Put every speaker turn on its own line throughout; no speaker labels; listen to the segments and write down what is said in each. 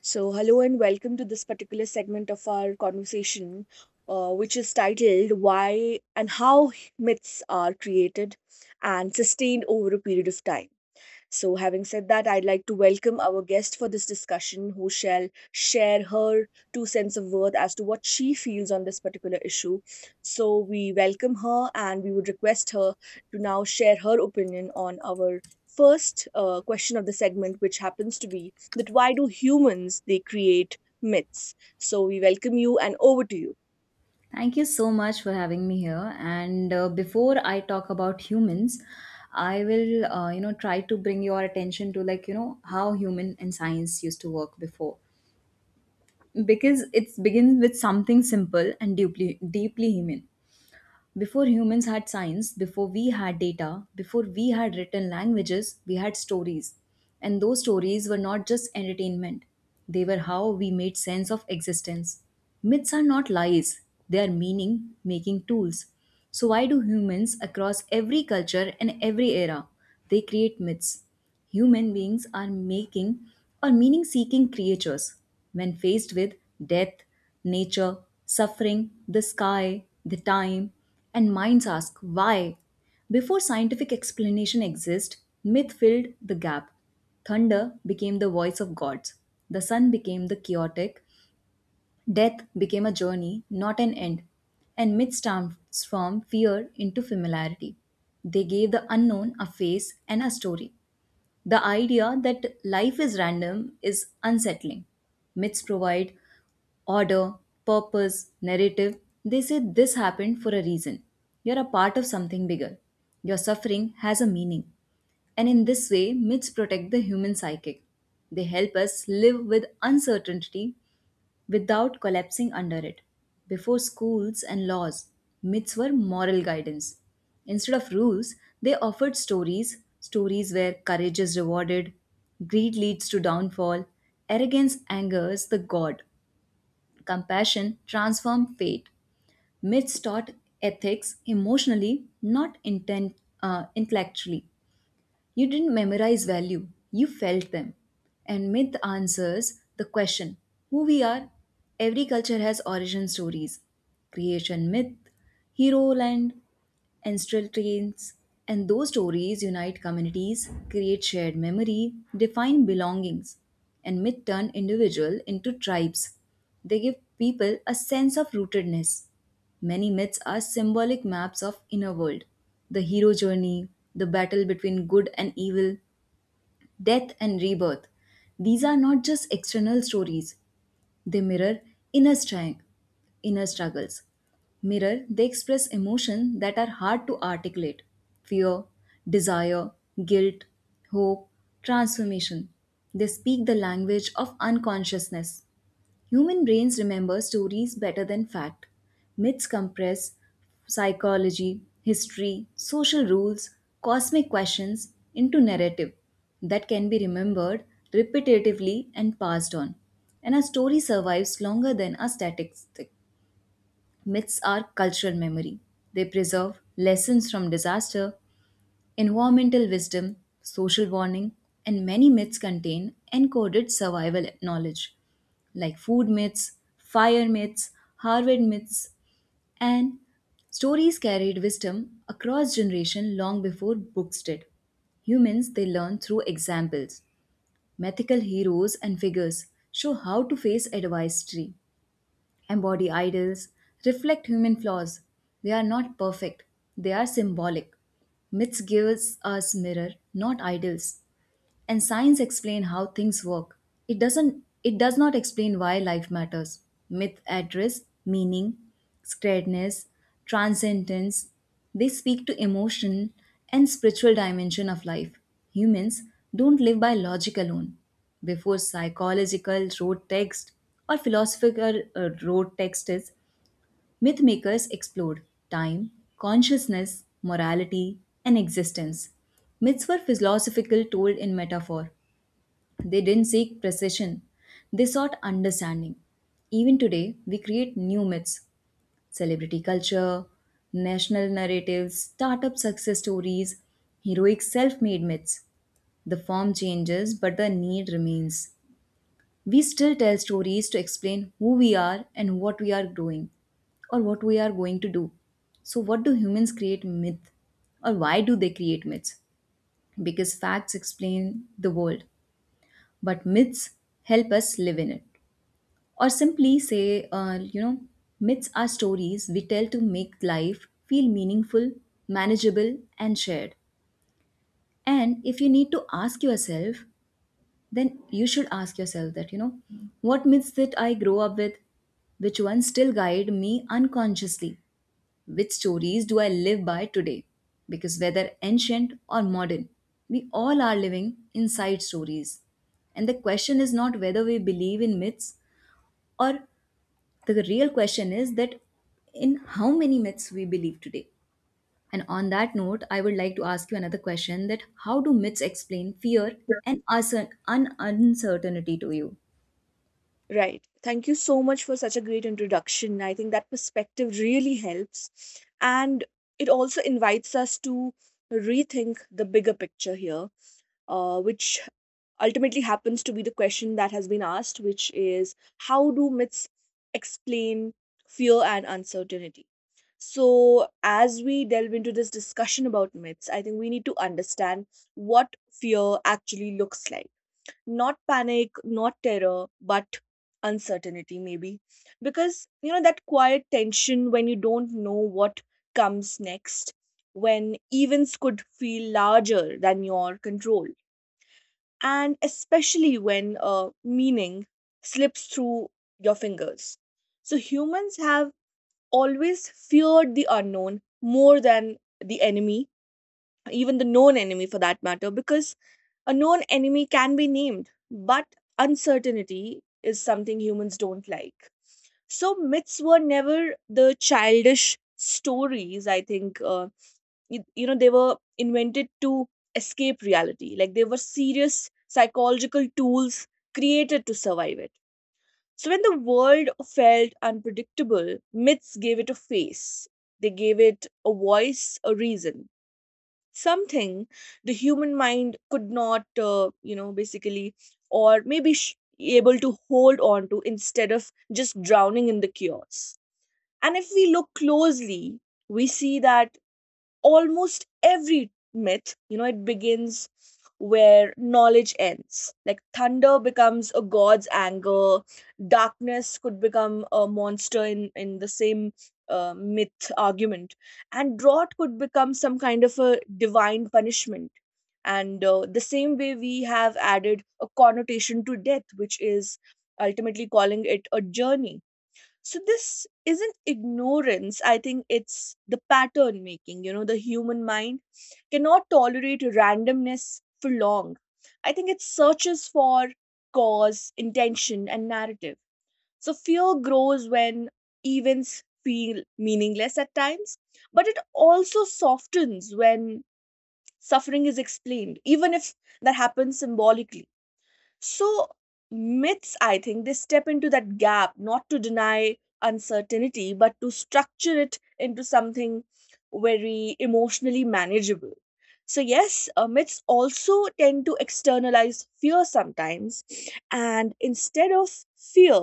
So, hello and welcome to this particular segment of our conversation, which is titled Why and How Myths Are Created and Sustained Over a Period of Time. So, having said that, I'd like to welcome our guest for this discussion who shall share her two cents of worth as to what she feels on this particular issue. So, we welcome her and we would request her to now share her opinion on our first question of the segment, which happens to be that why do humans they create myths? So, we welcome you and over to you.
Thank you so much for having me here. And before I talk about humans, I will try to bring your attention to like, how human and science used to work before, because it begins with something simple and deeply, deeply human. Before humans had science, before we had data, before we had written languages, we had stories. And those stories were not just entertainment, they were how we made sense of existence. Myths are not lies, they are meaning making tools. So, why do humans across every culture and every era? They create myths. Human beings are making or meaning seeking creatures. When faced with death, nature, suffering, the sky, the time, and minds ask why. Before scientific explanation exists, myth filled the gap. Thunder became the voice of gods. The sun became the chaotic. Death became a journey, not an end. And myths transformed fear into familiarity. They gave the unknown a face and a story. The idea that life is random is unsettling. Myths provide order, purpose, narrative. They say this happened for a reason. You're a part of something bigger. Your suffering has a meaning. And in this way, myths protect the human psychic. They help us live with uncertainty without collapsing under it. Before schools and laws, myths were moral guidance. Instead of rules, they offered stories, stories where courage is rewarded, greed leads to downfall, arrogance angers the god, compassion transforms fate. Myths taught ethics emotionally, not intellectually. You didn't memorize value, you felt them. And myth answers the question who we are. Every culture has origin stories creation myth, hero land, ancestral trains, and those stories unite communities, create shared memory, define belongings, and myth turn individual into tribes. They give people a sense of rootedness. Many myths are symbolic maps of inner world, the hero journey, the battle between good and evil, death and rebirth. These are not just external stories. They mirror inner, stri- inner struggles. Mirror, they express emotions that are hard to articulate fear, desire, guilt, hope, transformation. They speak the language of unconsciousness. Human brains remember stories better than fact. Myths compress psychology, history, social rules, cosmic questions into narrative that can be remembered repetitively and passed on. And a story survives longer than a statistic. Myths are cultural memory. They preserve lessons from disaster, environmental wisdom, social warning, and many myths contain encoded survival knowledge like food myths, fire myths, Harvard myths, and stories carried wisdom across generations long before books did. Humans, they learn through examples. Mythical heroes and figures show how to face adversity, embody idols, reflect human flaws. They are not perfect, they are symbolic. Myths gives us mirror, not idols, and science explain how things work. It doesn't, it does not explain why life matters. Myth address meaning, scaredness, transcendence. They speak to emotion and spiritual dimension of life. Humans don't live by logic alone. Before psychological road text or philosophical road text is, myth makers explored time, consciousness, morality, and existence. Myths were philosophical, told in metaphor. They didn't seek precision, they sought understanding. Even today, we create new myths celebrity culture, national narratives, startup success stories, heroic self made myths. The form changes, but the need remains. We still tell stories to explain who we are and what we are doing or what we are going to do. So, what do humans create myth? Or why do they create myths? Because facts explain the world, but myths help us live in it. Or simply say, myths are stories we tell to make life feel meaningful, manageable, and shared. And if you need to ask yourself, then you should ask yourself that, you know, what myths did I grow up with? Which ones still guide me unconsciously? Which stories do I live by today? Because whether ancient or modern, we all are living inside stories. And the question is not whether we believe in myths or The real question is that in how many myths we believe today. And on that note, I would like to ask you another question that how do myths explain fear and uncertainty to you?
Right. Thank you so much for such a great introduction. I think that perspective really helps. And it also invites us to rethink the bigger picture here, which ultimately happens to be the question that has been asked, which is how do myths explain fear and uncertainty? So, as we delve into this discussion about myths, I think we need to understand what fear actually looks like, not panic, not terror, but uncertainty, maybe. Because, you know, that quiet tension when you don't know what comes next, when events could feel larger than your control, and especially when meaning slips through your fingers. So, humans have always feared the unknown more than the enemy, even the known enemy for that matter, because a known enemy can be named, but uncertainty is something humans don't like. So myths were never the childish stories. I think you know they were invented to escape reality. Like they were serious psychological tools created to survive it. So when the world felt unpredictable, myths gave it a face. They gave it a voice, a reason, something the human mind could not you know basically or maybe sh- able to hold on to, instead of just drowning in the chaos. And if we look closely, we see that almost every myth, you know, it begins where knowledge ends. Like thunder becomes a god's anger, darkness could become a monster in the same myth argument, and drought could become some kind of a divine punishment. And the same way, we have added a connotation to death, which is ultimately calling it a journey. So this isn't ignorance. I think it's the pattern making. You know, the human mind cannot tolerate randomness for long. I think it searches for cause, intention, and narrative. So fear grows when events feel meaningless at times, but it also softens when suffering is explained, even if that happens symbolically. So, myths, I think, they step into that gap not to deny uncertainty, but to structure it into something very emotionally manageable. So, yes, myths also tend to externalize fear sometimes. And instead of fear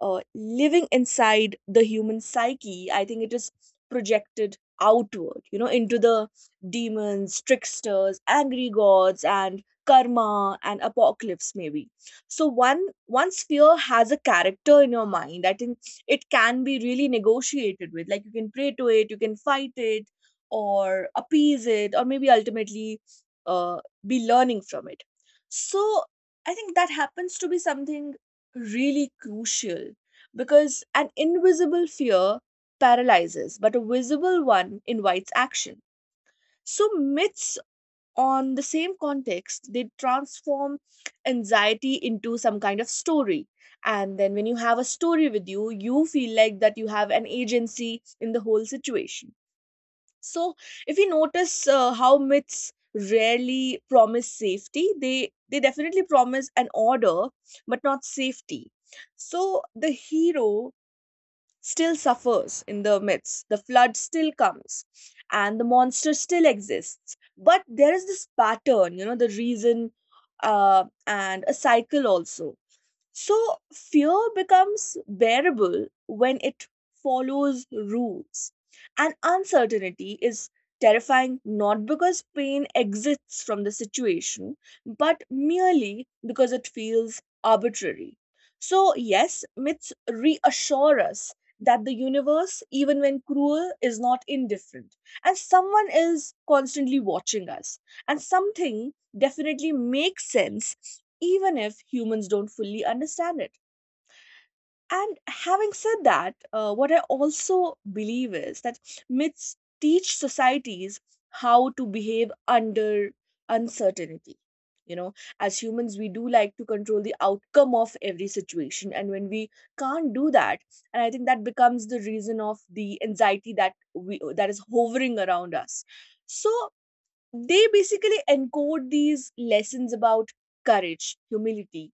living inside the human psyche, I think it is projected outward, you know, into the demons, tricksters, angry gods, and karma and apocalypse maybe. So one, once fear has a character in your mind, I think it can be really negotiated with. Like you can pray to it, you can fight it or appease it, or maybe ultimately uh, be learning from it. So I think that happens to be something really crucial, because an invisible fear paralyzes, but a visible one invites action. So myths, on the same context, they transform anxiety into some kind of story, and then when you have a story with you, you feel like that you have an agency in the whole situation. So if you notice how myths rarely promise safety, they definitely promise an order, but not safety. So the hero still suffers in the midst. The flood still comes and the monster still exists. But there is this pattern, you know, the reason, and a cycle also. So fear becomes bearable when it follows rules. And uncertainty is terrifying not because pain exists from the situation, but merely because it feels arbitrary. So, yes, myths reassure us that the universe, even when cruel, is not indifferent. And someone is constantly watching us. And something definitely makes sense even if humans don't fully understand it. And having said that, what I also believe is that myths teach societies how to behave under uncertainty. You know, as humans, we do like to control the outcome of every situation. And when we can't do that, and I think that becomes the reason of the anxiety that is hovering around us. So they basically encode these lessons about courage, humility,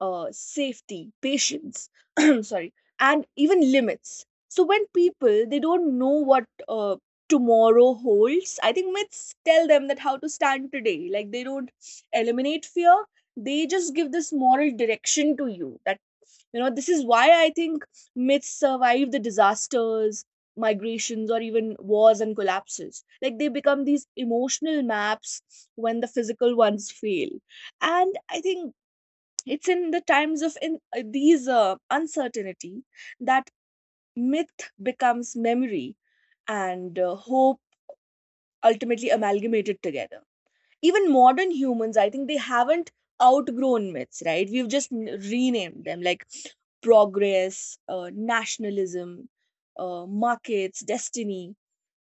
safety, patience, sorry, and even limits. So when people they don't know what tomorrow holds, I think myths tell them that how to stand today. Like they don't eliminate fear; they just give this moral direction to you. That you know this is why I think myths survive the disasters, migrations, or even wars and collapses. Like they become these emotional maps when the physical ones fail, and I think it's in the times of in these uncertainty that myth becomes memory and hope ultimately amalgamated together. Even modern humans, I think they haven't outgrown myths, right? We've just renamed them like progress, nationalism, markets, destiny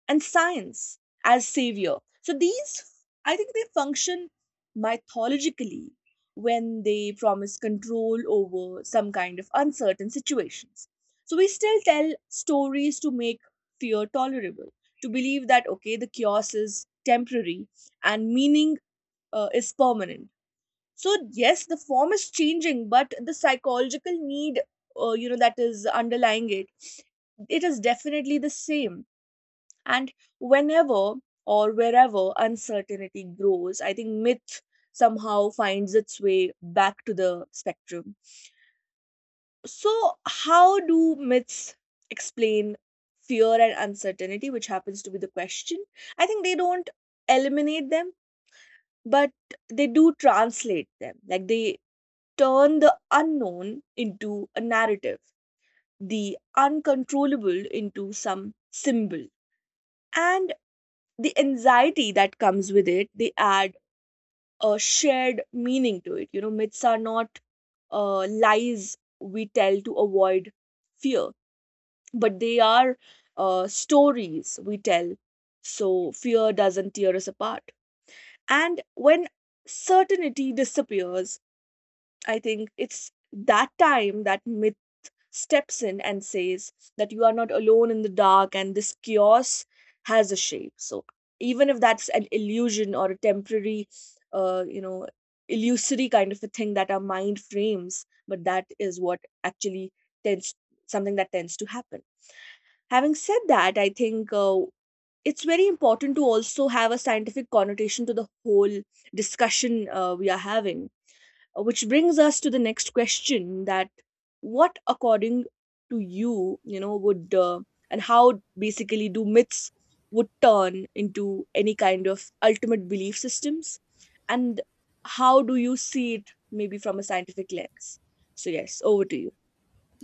and science as savior. So these, I think, they function mythologically when they promise control over some kind of uncertain situations. So we still tell stories to make fear tolerable, to believe that, okay, the chaos is temporary and meaning is permanent. So, yes, the form is changing, but the psychological need, you know, that is underlying it, it is definitely the same. And whenever or wherever uncertainty grows, I think myth somehow finds its way back to the spectrum. So, how do myths explain fear and uncertainty, which happens to be the question? I think they don't eliminate them, but they do translate them. Like they turn the unknown into a narrative, the uncontrollable into some symbol. And the anxiety that comes with it, they add a shared meaning to it. You know, myths are not lies we tell to avoid fear, but they are stories we tell so fear doesn't tear us apart. And when certainty disappears, I think it's that time that myths steps in and says that you are not alone in the dark and this chaos has a shape. So even if that's an illusion or a temporary you know illusory kind of a thing that our mind frames, but that is what actually tends, something that tends to happen. Having said that, I think it's very important to also have a scientific connotation to the whole discussion we are having, which brings us to the next question that what according to you you know would and how basically do myths would turn into any kind of ultimate belief systems, and how do you see it maybe from a scientific lens? So yes, over to you.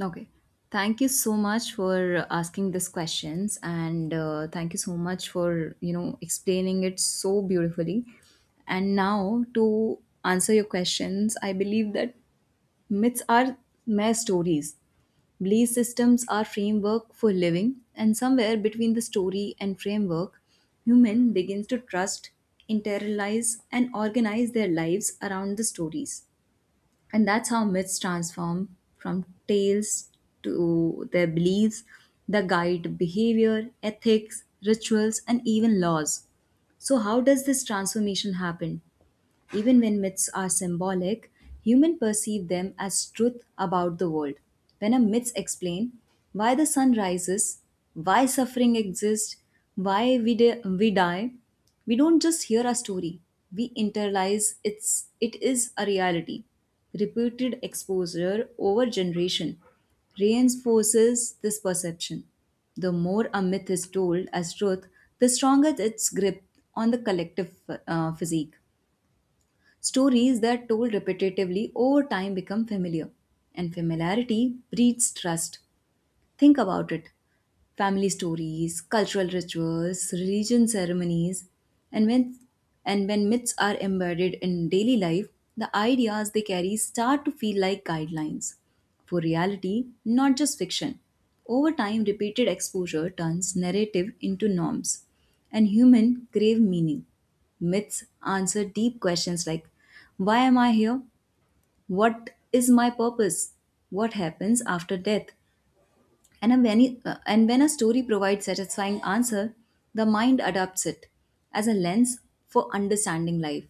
Okay. Thank you so much for asking these questions and thank you so much for, you know, explaining it so beautifully. And now to answer your questions, I believe that myths are mere stories. Belief systems are framework for living, and somewhere between the story and framework, human begins to trust, internalize, and organize their lives around the stories. And that's how myths transform from tales to their beliefs that guide behavior, ethics, rituals, and even laws. So, how does this transformation happen? Even when myths are symbolic, humans perceive them as truth about the world. When a myth explains why the sun rises, why suffering exists, why we die, we don't just hear a story. We internalize it's it is a reality. Repeated exposure over generation reinforces this perception. The more a myth is told as truth, the stronger its grip on the collective physique. Stories that told repetitively over time become familiar, and familiarity breeds trust. Think about it family stories, cultural rituals, religion ceremonies, and when, and when myths are embedded in daily life, the ideas they carry start to feel like guidelines for reality, not just fiction. Over time, repeated exposure turns narrative into norms, and human crave meaning. Myths answer deep questions like why am I here? What is my purpose? What happens after death? And when a story provides satisfying answer, the mind adopts it as a lens for understanding life.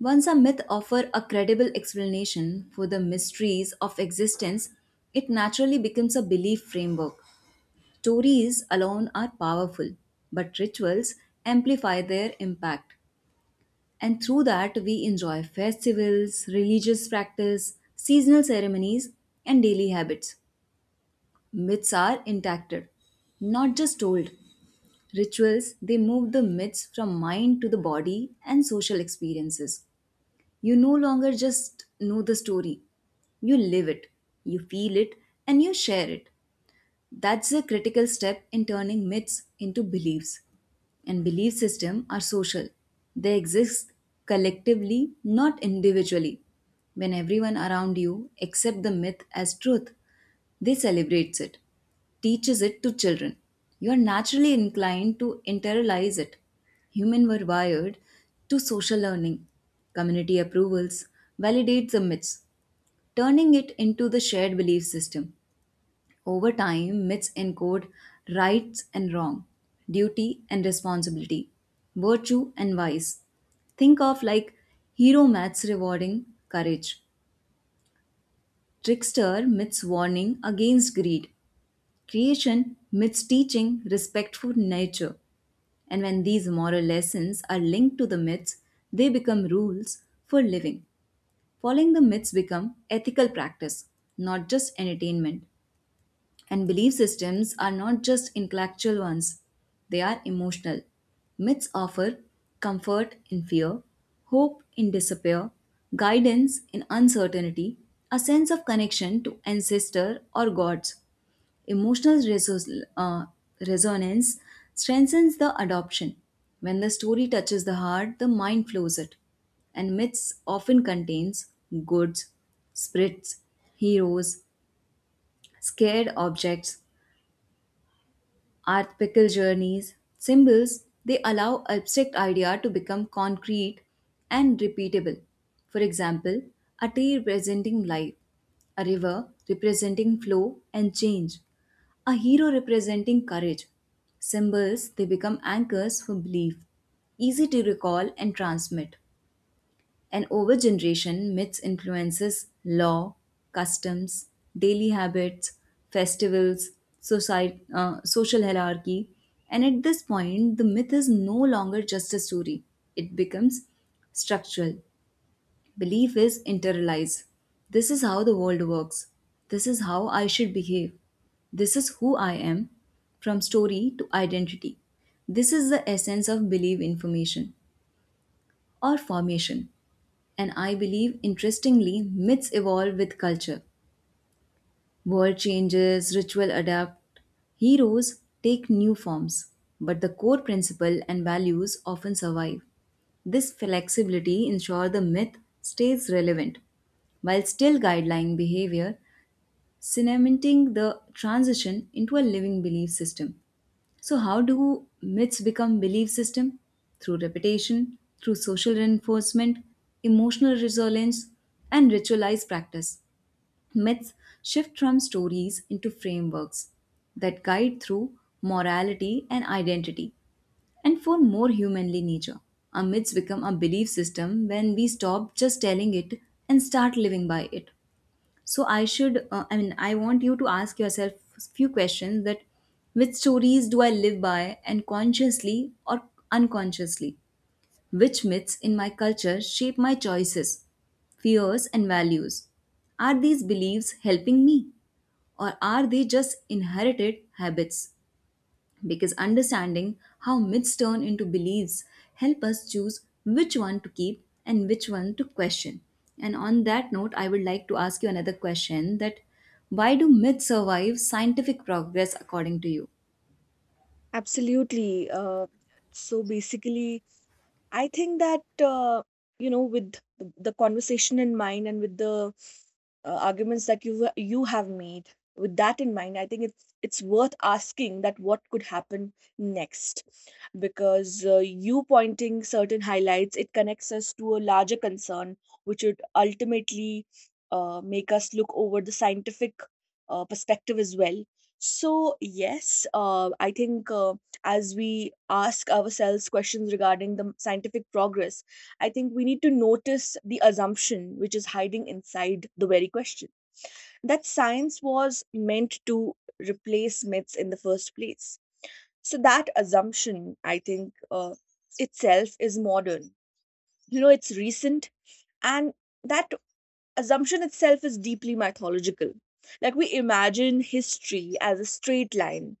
Once a myth offers a credible explanation for the mysteries of existence, it naturally becomes a belief framework. Stories alone are powerful, but rituals amplify their impact. And through that, we enjoy festivals, religious practice, seasonal ceremonies, and daily habits myths are intact, not just told. Rituals, they move the myths from mind to the body and social experiences. You no longer just know the story, you live it, you feel it, and you share it. That's a critical step in turning myths into beliefs. And belief systems are social. They exist collectively, not individually. When everyone around you accept the myth as truth, they celebrates it, teaches it to children. You are naturally inclined to internalize it. Humans were wired to social learning. Community approvals validates the myths, turning it into the shared belief system. Over time, myths encode rights and wrong, duty and responsibility, virtue and vice. Think of like hero myths rewarding courage, trickster myths warning against greed, creation myths teaching respect for nature, and when these moral lessons are linked to the myths, they become rules for living. Following the myths become ethical practice, not just entertainment. And belief systems are not just intellectual ones, they are emotional. Myths offer comfort in fear, hope in despair, guidance in uncertainty, a sense of connection to ancestor or gods. Emotional resonance strengthens the adoption. When the story touches the heart, the mind flows it. And myths often contains goods, spirits, heroes, scared objects, art pickle journeys, symbols, they allow abstract idea to become concrete and repeatable. For example, a tree representing life, a river representing flow and change, a hero representing courage. Symbols, they become anchors for belief, easy to recall and transmit. And over generation, myths influences law, customs, daily habits, festivals, society, social hierarchy. And at this point, the myth is no longer just a story. It becomes structural. Belief is internalized. This is how the world works. This is how I should behave. This is who I am. From story to identity. This is the essence of belief information or formation. And I believe, interestingly, myths evolve with culture. World changes, ritual adapt, heroes take new forms, but the core principle and values often survive. This flexibility ensures the myth stays relevant while still guideline behavior, cementing the transition into a living belief system. So, how do myths become belief system? Through repetition, through social reinforcement, emotional resilience, and ritualized practice. Myths shift from stories into frameworks that guide through morality and identity and form more humanly nature. Our myths become a belief system when we stop just telling it and start living by it. So, I mean, I want you to ask yourself few questions that which stories do I live by and consciously or unconsciously, which myths in my culture shape my choices, fears and values, are these beliefs helping me or are they just inherited habits? Because understanding how myths turn into beliefs help us choose which one to keep and which one to question. And on that note, I would like to ask you another question that why do myths survive scientific progress according to you?
Absolutely. So basically, I think that you know, with the conversation in mind and with the arguments that you have made, with that in mind, I think it's worth asking that what could happen next, because you pointing certain highlights it connects us to a larger concern, which would ultimately make us look over the scientific perspective as well. So yes, I think. As we ask ourselves questions regarding the scientific progress, I think we need to notice the assumption which is hiding inside the very question that science was meant to replace myths in the first place. So, that assumption, I think, itself is modern. You know, it's recent, and that assumption itself is deeply mythological. Like, we imagine history as a straight line,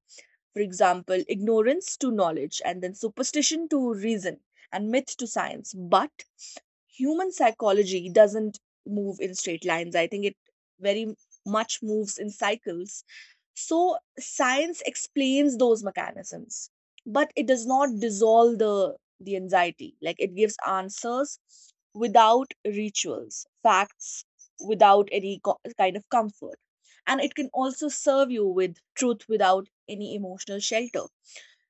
for example, ignorance to knowledge, and then superstition to reason, and myth to science. But human psychology doesn't move in straight lines. I think it very much moves in cycles. So, science explains those mechanisms, but it does not dissolve the anxiety. Like, it gives answers without rituals, facts without any kind of comfort. And it can also serve you with truth without any emotional shelter.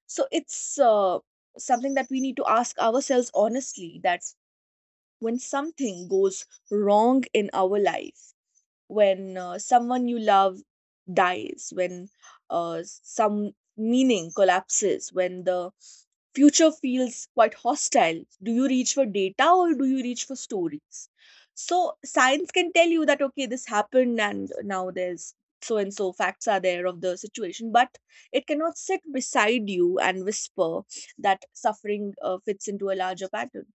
So, it's something that we need to ask ourselves honestly that when something goes wrong in our life, when someone you love dies, when some meaning collapses, when the future feels quite hostile. Do you reach for data or do you reach for stories? So science can tell you that okay, this happened and now there's so and so facts are there of the situation, but it cannot sit beside you and whisper that suffering fits into a larger pattern.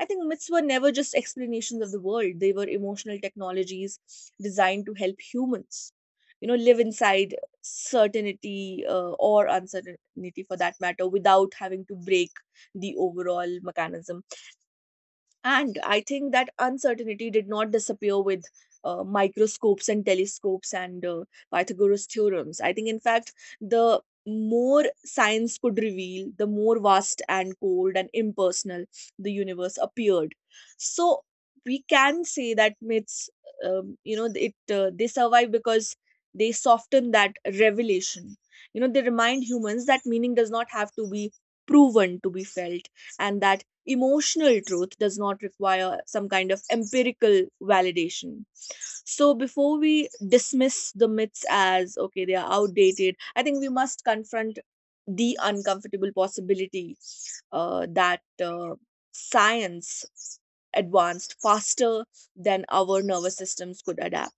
I think myths were never just explanations of the world, they were emotional technologies designed to help humans, you know, live inside certainty or uncertainty for that matter without having to break the overall mechanism. And I think that uncertainty did not disappear with microscopes and telescopes and Pythagoras theorems. I think, in fact, the more science could reveal, the more vast and cold and impersonal the universe appeared. So we can say that myths, you know, it they survive because they soften that revelation. You know, they remind humans that meaning does not have to be proven to be felt, and that emotional truth does not require some kind of empirical validation. So, before we dismiss the myths as, okay, they are outdated, I think we must confront the uncomfortable possibility that science advanced faster than our nervous systems could adapt.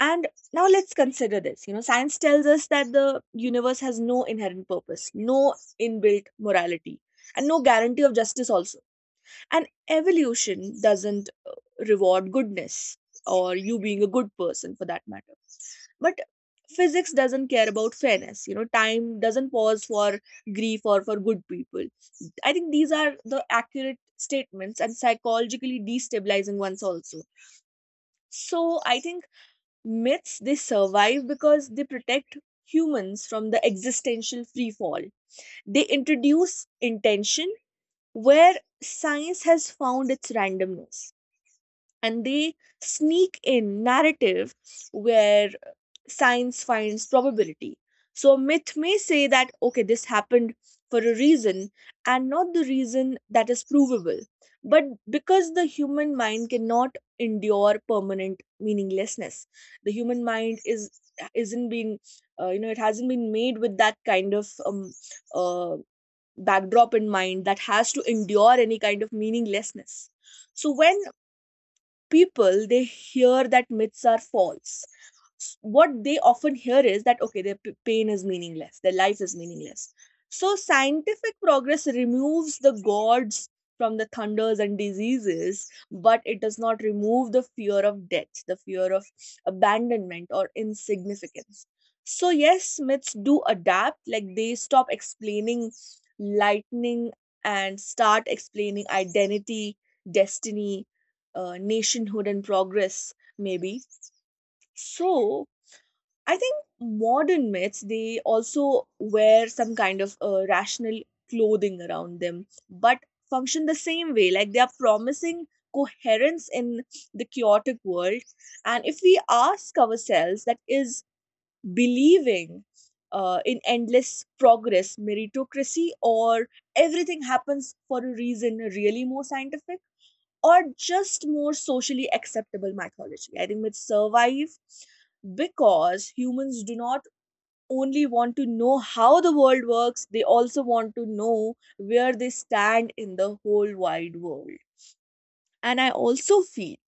And now let's consider this. You know, science tells us that the universe has no inherent purpose, no inbuilt morality, and no guarantee of justice also, and evolution doesn't reward goodness or you being a good person for that matter. But physics doesn't care about fairness, you know, time doesn't pause for grief or for good people. I think these are the accurate statements, and psychologically destabilizing ones also. So I think myths, they survive because they protect humans from the existential free fall. They introduce intention where science has found its randomness, and they sneak in narrative where science finds probability. So a myth may say that okay, this happened for a reason, and not the reason that is provable, but because the human mind cannot endure permanent meaninglessness. The human mind is isn't been you know it hasn't been made with that kind of uh, backdrop in mind, that has to endure any kind of meaninglessness. So when people, they hear that myths are false, what they often hear is that okay, their pain is meaningless, their life is meaningless. So scientific progress removes the gods from the thunders and diseases, but it does not remove the fear of death, the fear of abandonment or insignificance. So yes, myths do adapt, like they stop explaining lightning and start explaining identity, destiny, nationhood and progress maybe. So I think modern myths, they also wear some kind of rational clothing around them, but function the same way, like they are promising coherence in the chaotic world. And if we ask ourselves, that is believing in endless progress, meritocracy, or everything happens for a reason really more scientific, or just more socially acceptable mythology? I think myths survive because humans do not only want to know how the world works, they also want to know where they stand in the whole wide world. And I also feel,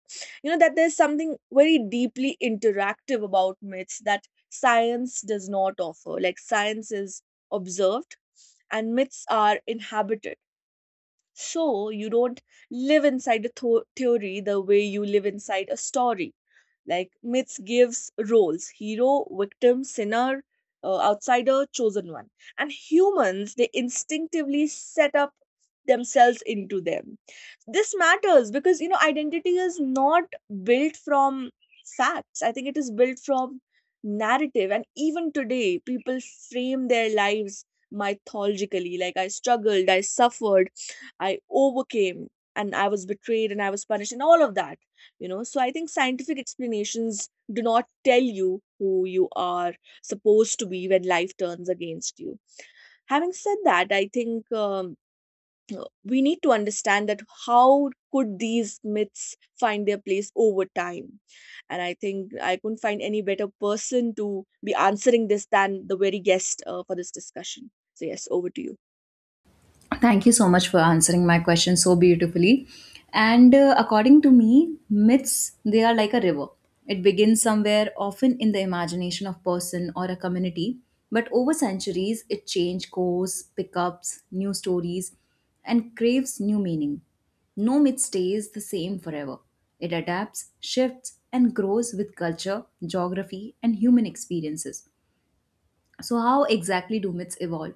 you know, that there's something very deeply interactive about myths that science does not offer. Like science is observed and myths are inhabited. So you don't live inside a theory the way you live inside a story. Like myths gives roles: hero, victim, sinner, outsider, chosen one. And humans, they instinctively set up themselves into them. This matters because, you know, identity is not built from facts. I think it is built from narrative, and even today people frame their lives mythologically, like I struggled, I suffered, I overcame, and I was betrayed and I was punished and all of that. You know, so I think scientific explanations do not tell you who you are supposed to be when life turns against you. Having said that, I think we need to understand that how could these myths find their place over time? And I think I couldn't find any better person to be answering this than the very guest for this discussion. So, yes, over to you.
Thank you so much for answering my question so beautifully. And according to me, myths they are like a river. It begins somewhere, often in the imagination of person or a community, but over centuries it change course, pickups, new stories, and craves new meaning. No myth stays the same forever. It adapts, shifts, and grows with culture, geography, and human experiences. So, how exactly do myths evolve?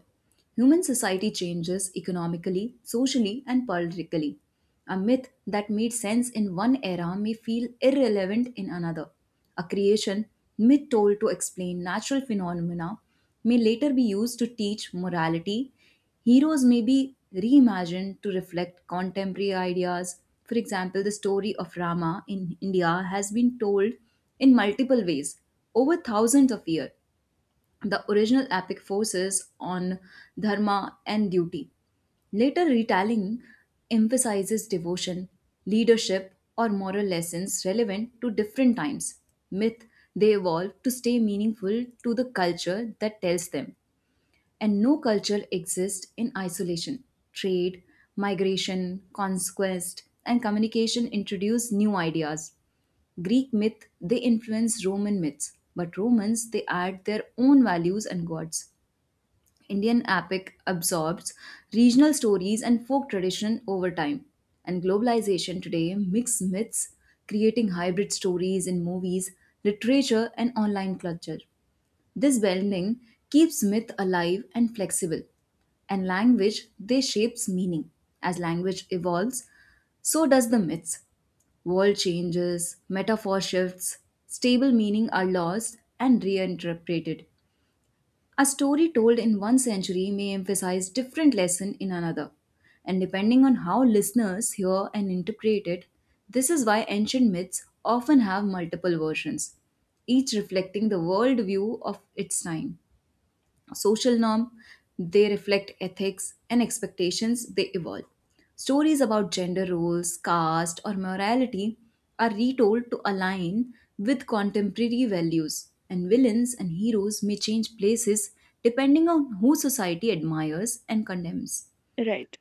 Human society changes economically, socially, and politically. A myth that made sense in one era may feel irrelevant in another. A creation myth told to explain natural phenomena may later be used to teach morality. Heroes may be reimagined to reflect contemporary ideas. For example, the story of Rama in India has been told in multiple ways over thousands of years, the original epic forces on dharma and duty. Later retelling emphasizes devotion, leadership, or moral lessons relevant to different times. Myth they evolve to stay meaningful to the culture that tells them. And no culture exists in isolation. Trade, migration, conquest, and communication introduce new ideas. Greek myth they influence Roman myths, but Romans they add their own values and gods. Indian epic absorbs regional stories and folk tradition over time. And globalization today mixes myths, creating hybrid stories in movies, literature, and online culture. This blending keeps myth alive and flexible. And language, they shapes meaning. As language evolves, so does the myths. World changes, metaphor shifts, stable meaning are lost and reinterpreted. A story told in one century may emphasize different lesson in another, and depending on how listeners hear and interpret it, this is why ancient myths often have multiple versions, each reflecting the worldview of its time. Social norm they reflect ethics and expectations they evolve, stories about gender roles, caste or morality are retold to align with contemporary values, and villains and heroes may change places depending on who society admires and condemns.
Right,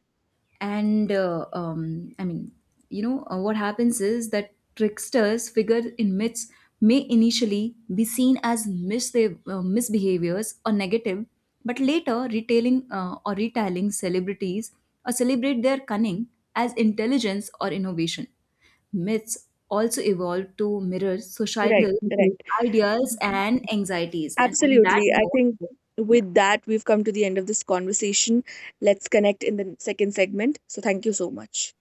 And I mean, what happens is that tricksters figure in myths may initially be seen as misbehaviors or negative, but later retailing or retelling celebrities or celebrate their cunning as intelligence or innovation, myths also evolved to mirror
right,
societal
right.
ideas and anxieties. And on that
Absolutely. I
note,
think
yeah.
with that, we've come to the end of this conversation. Let's connect in the second segment. So, thank you so much.